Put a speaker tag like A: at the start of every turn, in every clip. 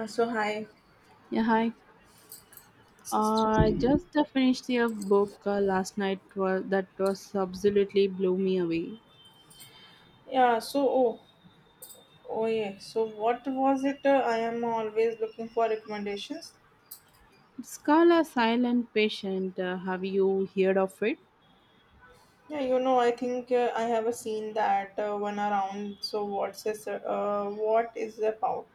A: So hi,
B: Yeah, hi.
A: sister.
B: I just finished a book last night that was absolutely blew me away.
A: Yeah, so oh, oh yeah. So what was it? I am always looking for recommendations.
B: It's called A Silent Patient. Have you heard of it?
A: Yeah, you know, I think I have a scene that one around. So what's this? What is about?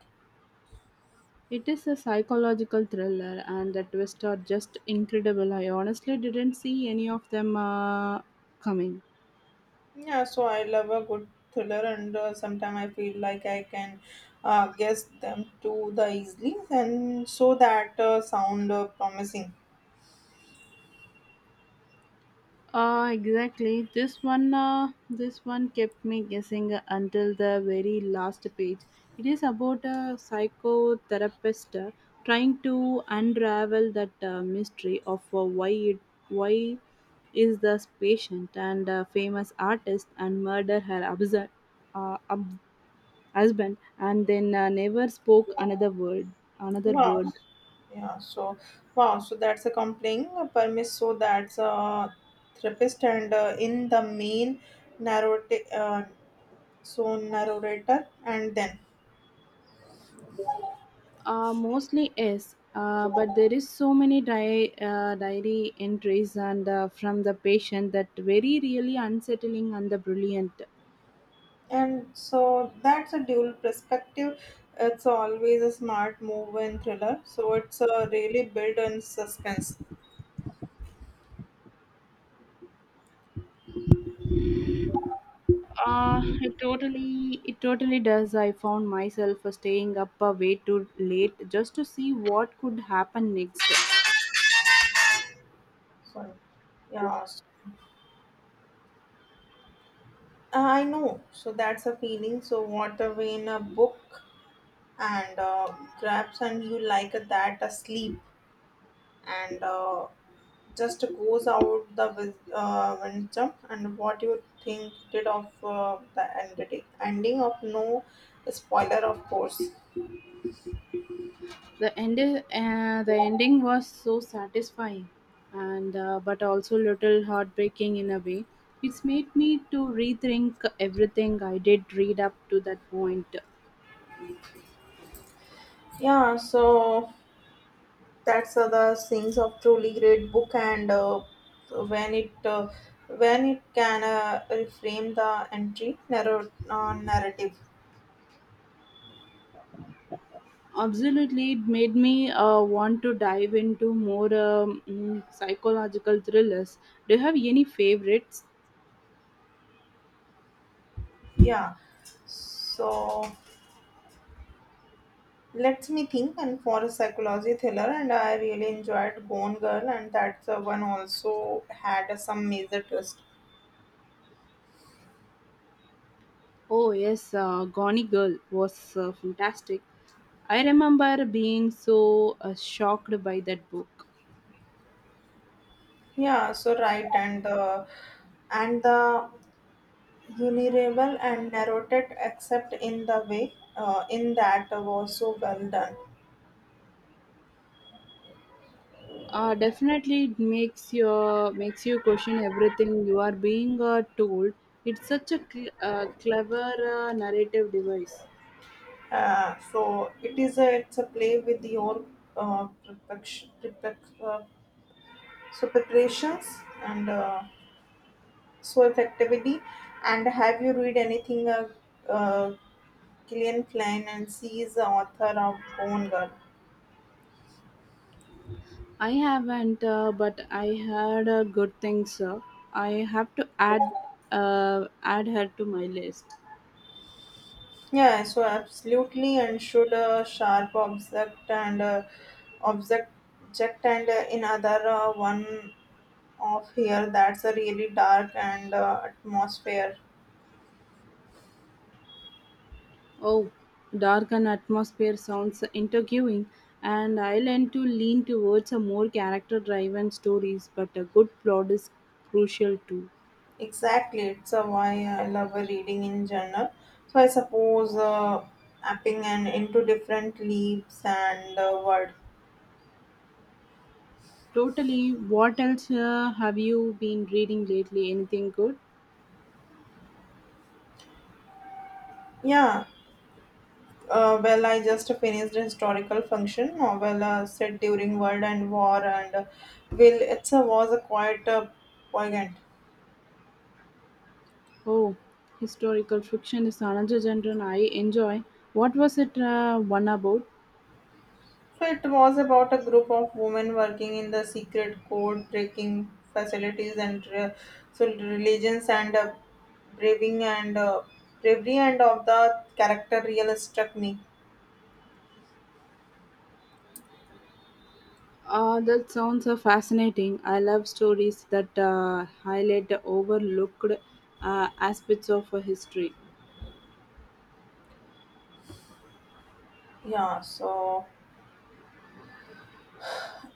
B: It is a psychological thriller, and the twists are just incredible. I honestly didn't see any of them coming.
A: Yeah, so I love a good thriller, and sometimes I feel like I can guess them too the easily, and so that sound promising.
B: Exactly. This one kept me guessing until the very last page. It is about a psychotherapist trying to unravel that mystery of uh, why is this patient and famous artist and murder her absurd, uh, ab- husband and then never spoke another word, another
A: Wow.
B: word.
A: Yeah, so wow, so that's a complaint permit. So that's a therapist, and in the main narrator, uh, narrator, and then
B: Mostly yes, but there is so many diary entries and from the patient that very really unsettling and the brilliant.
A: and so that's a dual perspective. It's always a smart move in thriller, so it's really built on suspense.
B: It totally does. I found myself staying up way too late just to see what could happen next.
A: Sorry, yeah, I know. So that's a feeling. So what a way in a book and grabs, and you like that asleep and. Just goes out the wisdom and what you think did of the ending of no spoiler, of course.
B: The ending was so satisfying, and but also little heartbreaking in a way. It's made me to rethink everything I did read up to that point.
A: Yeah, so that's the things of truly great book and when it uh, when it can reframe the entry narrative.
B: Absolutely, it made me want to dive into more psychological thrillers. Do you have any favorites?
A: Yeah, so let me think. And for a psychology thriller, and I really enjoyed Gone Girl, and that's the one also had some major twist.
B: Oh yes, Gone Girl was fantastic. I remember being so shocked by that book.
A: Yeah, so right, and the vulnerable and narrated, except in the way in that was so well done.
B: Definitely, it makes you question everything you are being told. It's such a clever narrative device.
A: So it's a play with your perfection, perfect, so preparations and so effectively. And have you read anything uh, Gillian Flynn, and she is the author of Gone Girl.
B: I haven't, but I heard good things. Uh, I have to add her to my list.
A: Yeah, so absolutely, and should sharp object and object object and in other one of here that's a really dark and atmosphere.
B: Oh, dark and atmosphere sounds intriguing, and I learn to lean towards a more character-driven stories, but a good plot is crucial too.
A: Exactly, it's why I love reading in general. So I suppose mapping and into different leaves and world.
B: Totally. What else have you been reading lately? Anything good?
A: Yeah. Well, I just finished a historical function novel set during World and War, and will it's a, was a quite poignant.
B: Oh, historical fiction is another genre I enjoy. What was it one about?
A: So it was about a group of women working in the secret code breaking facilities and so religions and braving and bravery and of the character really struck me.
B: That sounds fascinating. I love stories that highlight the overlooked aspects of history.
A: Yeah, so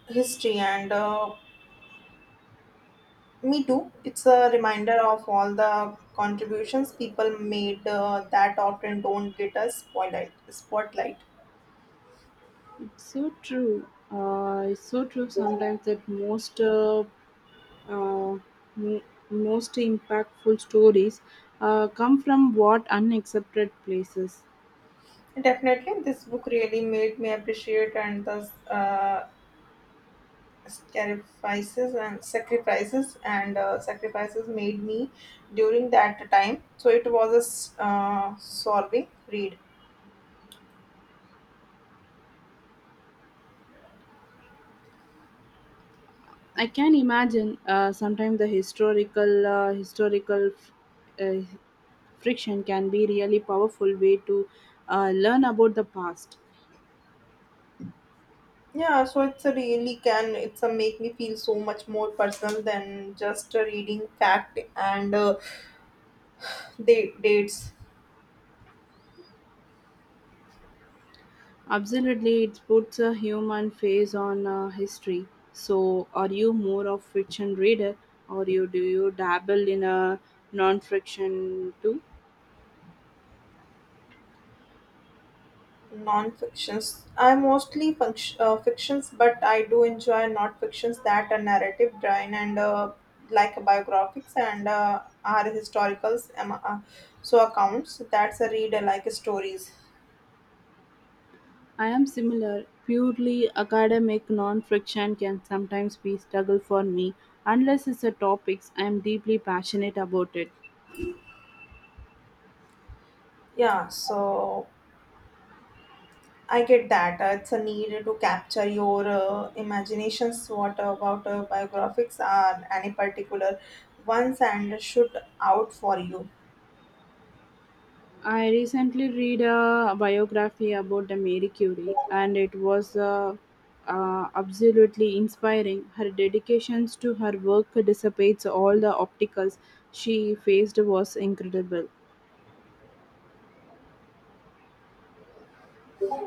A: history and me too. It's a reminder of all the contributions people made that often don't get a spotlight.
B: It's so true. It's so true sometimes that most uh, m- most impactful stories come from what unaccepted places.
A: Definitely, this book really made me appreciate and the sacrifices made me during that time. So it was a solving read.
B: I can imagine sometimes the historical uh, friction can be really powerful way to learn about the past.
A: Yeah, so it's a really can it's a make me feel so much more personal than just a reading fact and. They dates
B: Absolutely, it puts a human face on history. So, are you more of fiction reader, or you do you dabble in a non-fiction too?
A: non-fictions. I mostly function, fictions, but I do enjoy non-fictions that are narrative driven and like biographies and are historicals. So accounts that's a read I like stories.
B: I am similar. Purely academic non-fiction can sometimes be struggle for me, unless it's a topics I am deeply passionate about it.
A: Yeah, so I get that. It's a need to capture your imaginations. What about biographies are any particular ones and shoot out for you?
B: I recently read a biography about the Marie Curie, and it was absolutely inspiring. Her dedications to her work dissipates all the obstacles she faced was incredible.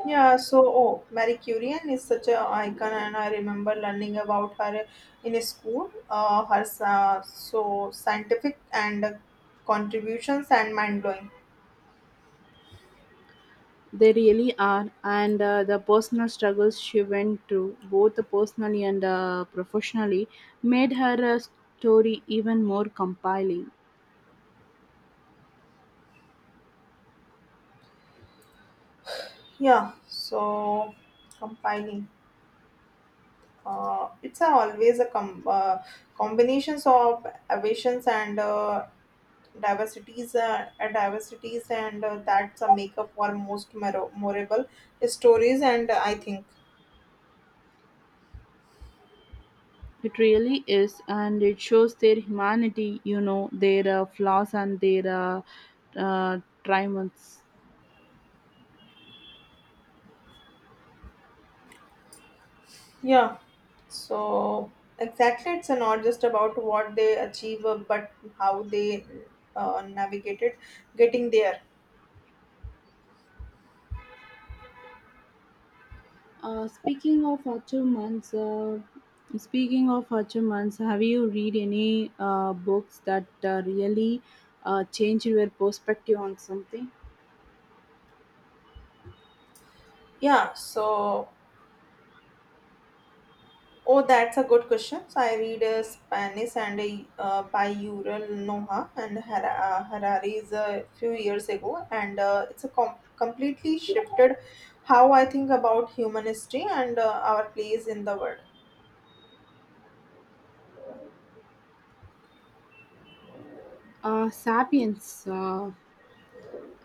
A: Oh, Marie Curie is such an icon, and I remember learning about her in school. Her scientific and contributions and mind blowing.
B: They really are, and the personal struggles she went through, both personally and professionally, made her story even more compelling.
A: Yeah, so compiling. It's a, always a combinations of aviations and and diversities, and that's a makeup for most memorable stories. And I think,
B: It really is, and it shows their humanity, you know, their flaws and their triumphs.
A: yeah. So exactly, it's not just about what they achieve, but how they navigated getting there.
B: Uh, speaking of achievements, uh, speaking of achievements, have you read any books that really changed your perspective on something?
A: Yeah. So oh, that's a good question. So I read Spanish and by Yuval Noah and Harari's a few years ago, and it's a completely shifted how I think about human history and our place in the world.
B: Sapiens.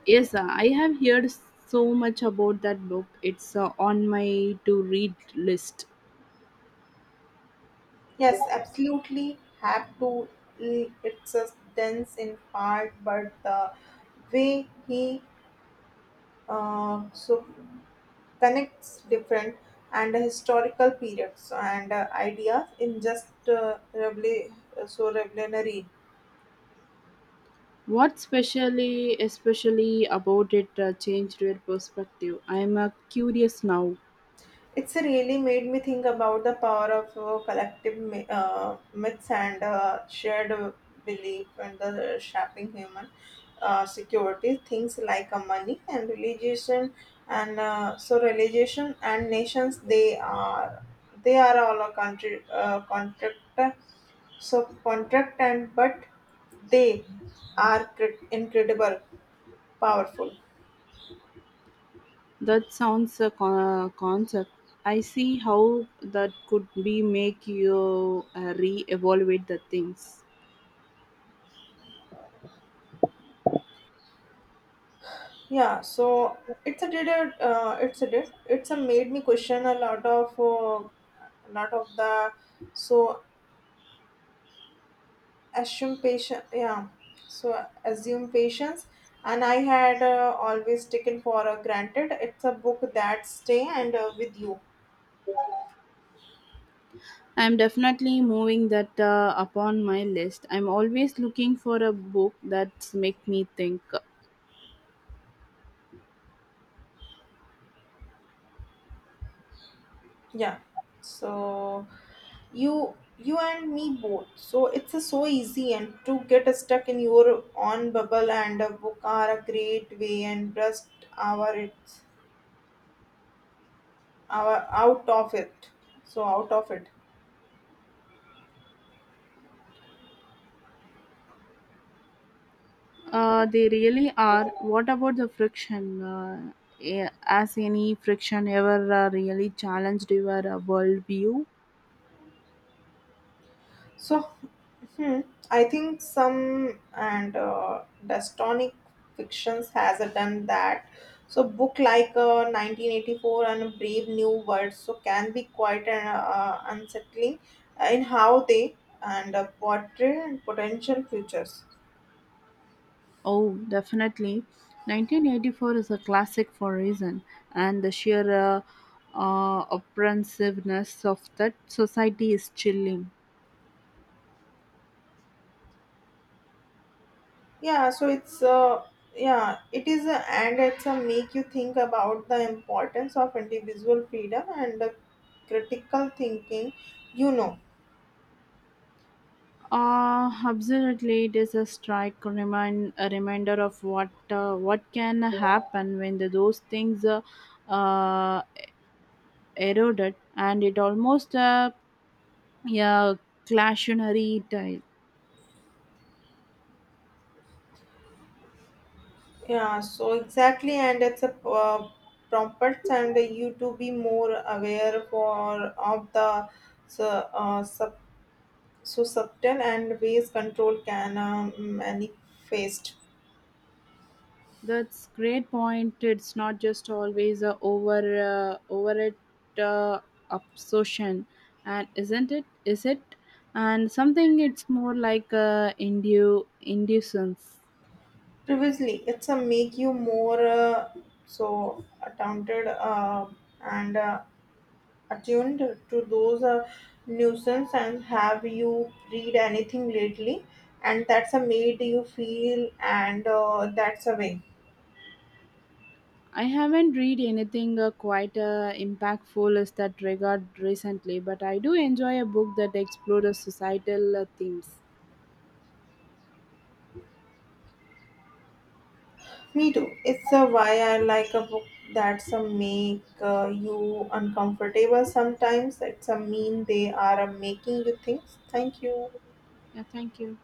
B: Yes, I have heard so much about that book. It's on my to read list.
A: Yes, absolutely have to. It's a dense in part, but the way he uh, so connects different and historical periods and ideas in just revolutionary.
B: Especially about it changed your perspective? I'm curious now.
A: It's really made me think about the power of collective myths and shared belief and the shaping human security. Things like money and religion and religion and nations they are all a country contract and but they are incredible powerful.
B: That sounds a concept. I see how that could be make you re-evaluate the things.
A: Yeah, so it's a did it's a made me question a lot of the so assume patient yeah so assume patience and I had always taken for granted it's a book that stay and with you.
B: I'm definitely moving that upon my list. I'm always looking for a book that make me think.
A: Yeah, so you and me both so it's a so easy and to get stuck in your own bubble and a book are a great way and just our it our out of it so out of it
B: They really are. What about the friction? Has any friction ever really challenged your worldview?
A: so hmm, I think some and dystonic fictions has done that so book like 1984 and brave new world so can be quite unsettling in how they and portray potential futures.
B: Oh, definitely. 1984 is a classic for a reason, and the sheer oppressiveness of that society is chilling.
A: Yeah, so it's yeah it is a, and it's a make you think about the importance of individual freedom and the critical thinking, you know.
B: Absolutely, it is a strike remind a reminder of what can happen when the, those things uh, eroded, and it almost yeah, classionary tale.
A: Yeah, so exactly and it's a prompts and you to be more aware for of the so, uh, sub, subtle and ways control can manifest
B: That's great point. It's not just always a over it absorption, and isn't it? Is it? And something it's more like a inducence.
A: previously it's a make you more attempted and attuned to those nuisance. And have you read anything lately and that's a made you feel and that's a way
B: I haven't read anything quite impactful as that regard recently, but I do enjoy a book that explores societal themes.
A: me too it's a why I like a book that's a make you uncomfortable sometimes it's a mean they are a making you things thank you.
B: Yeah, thank you.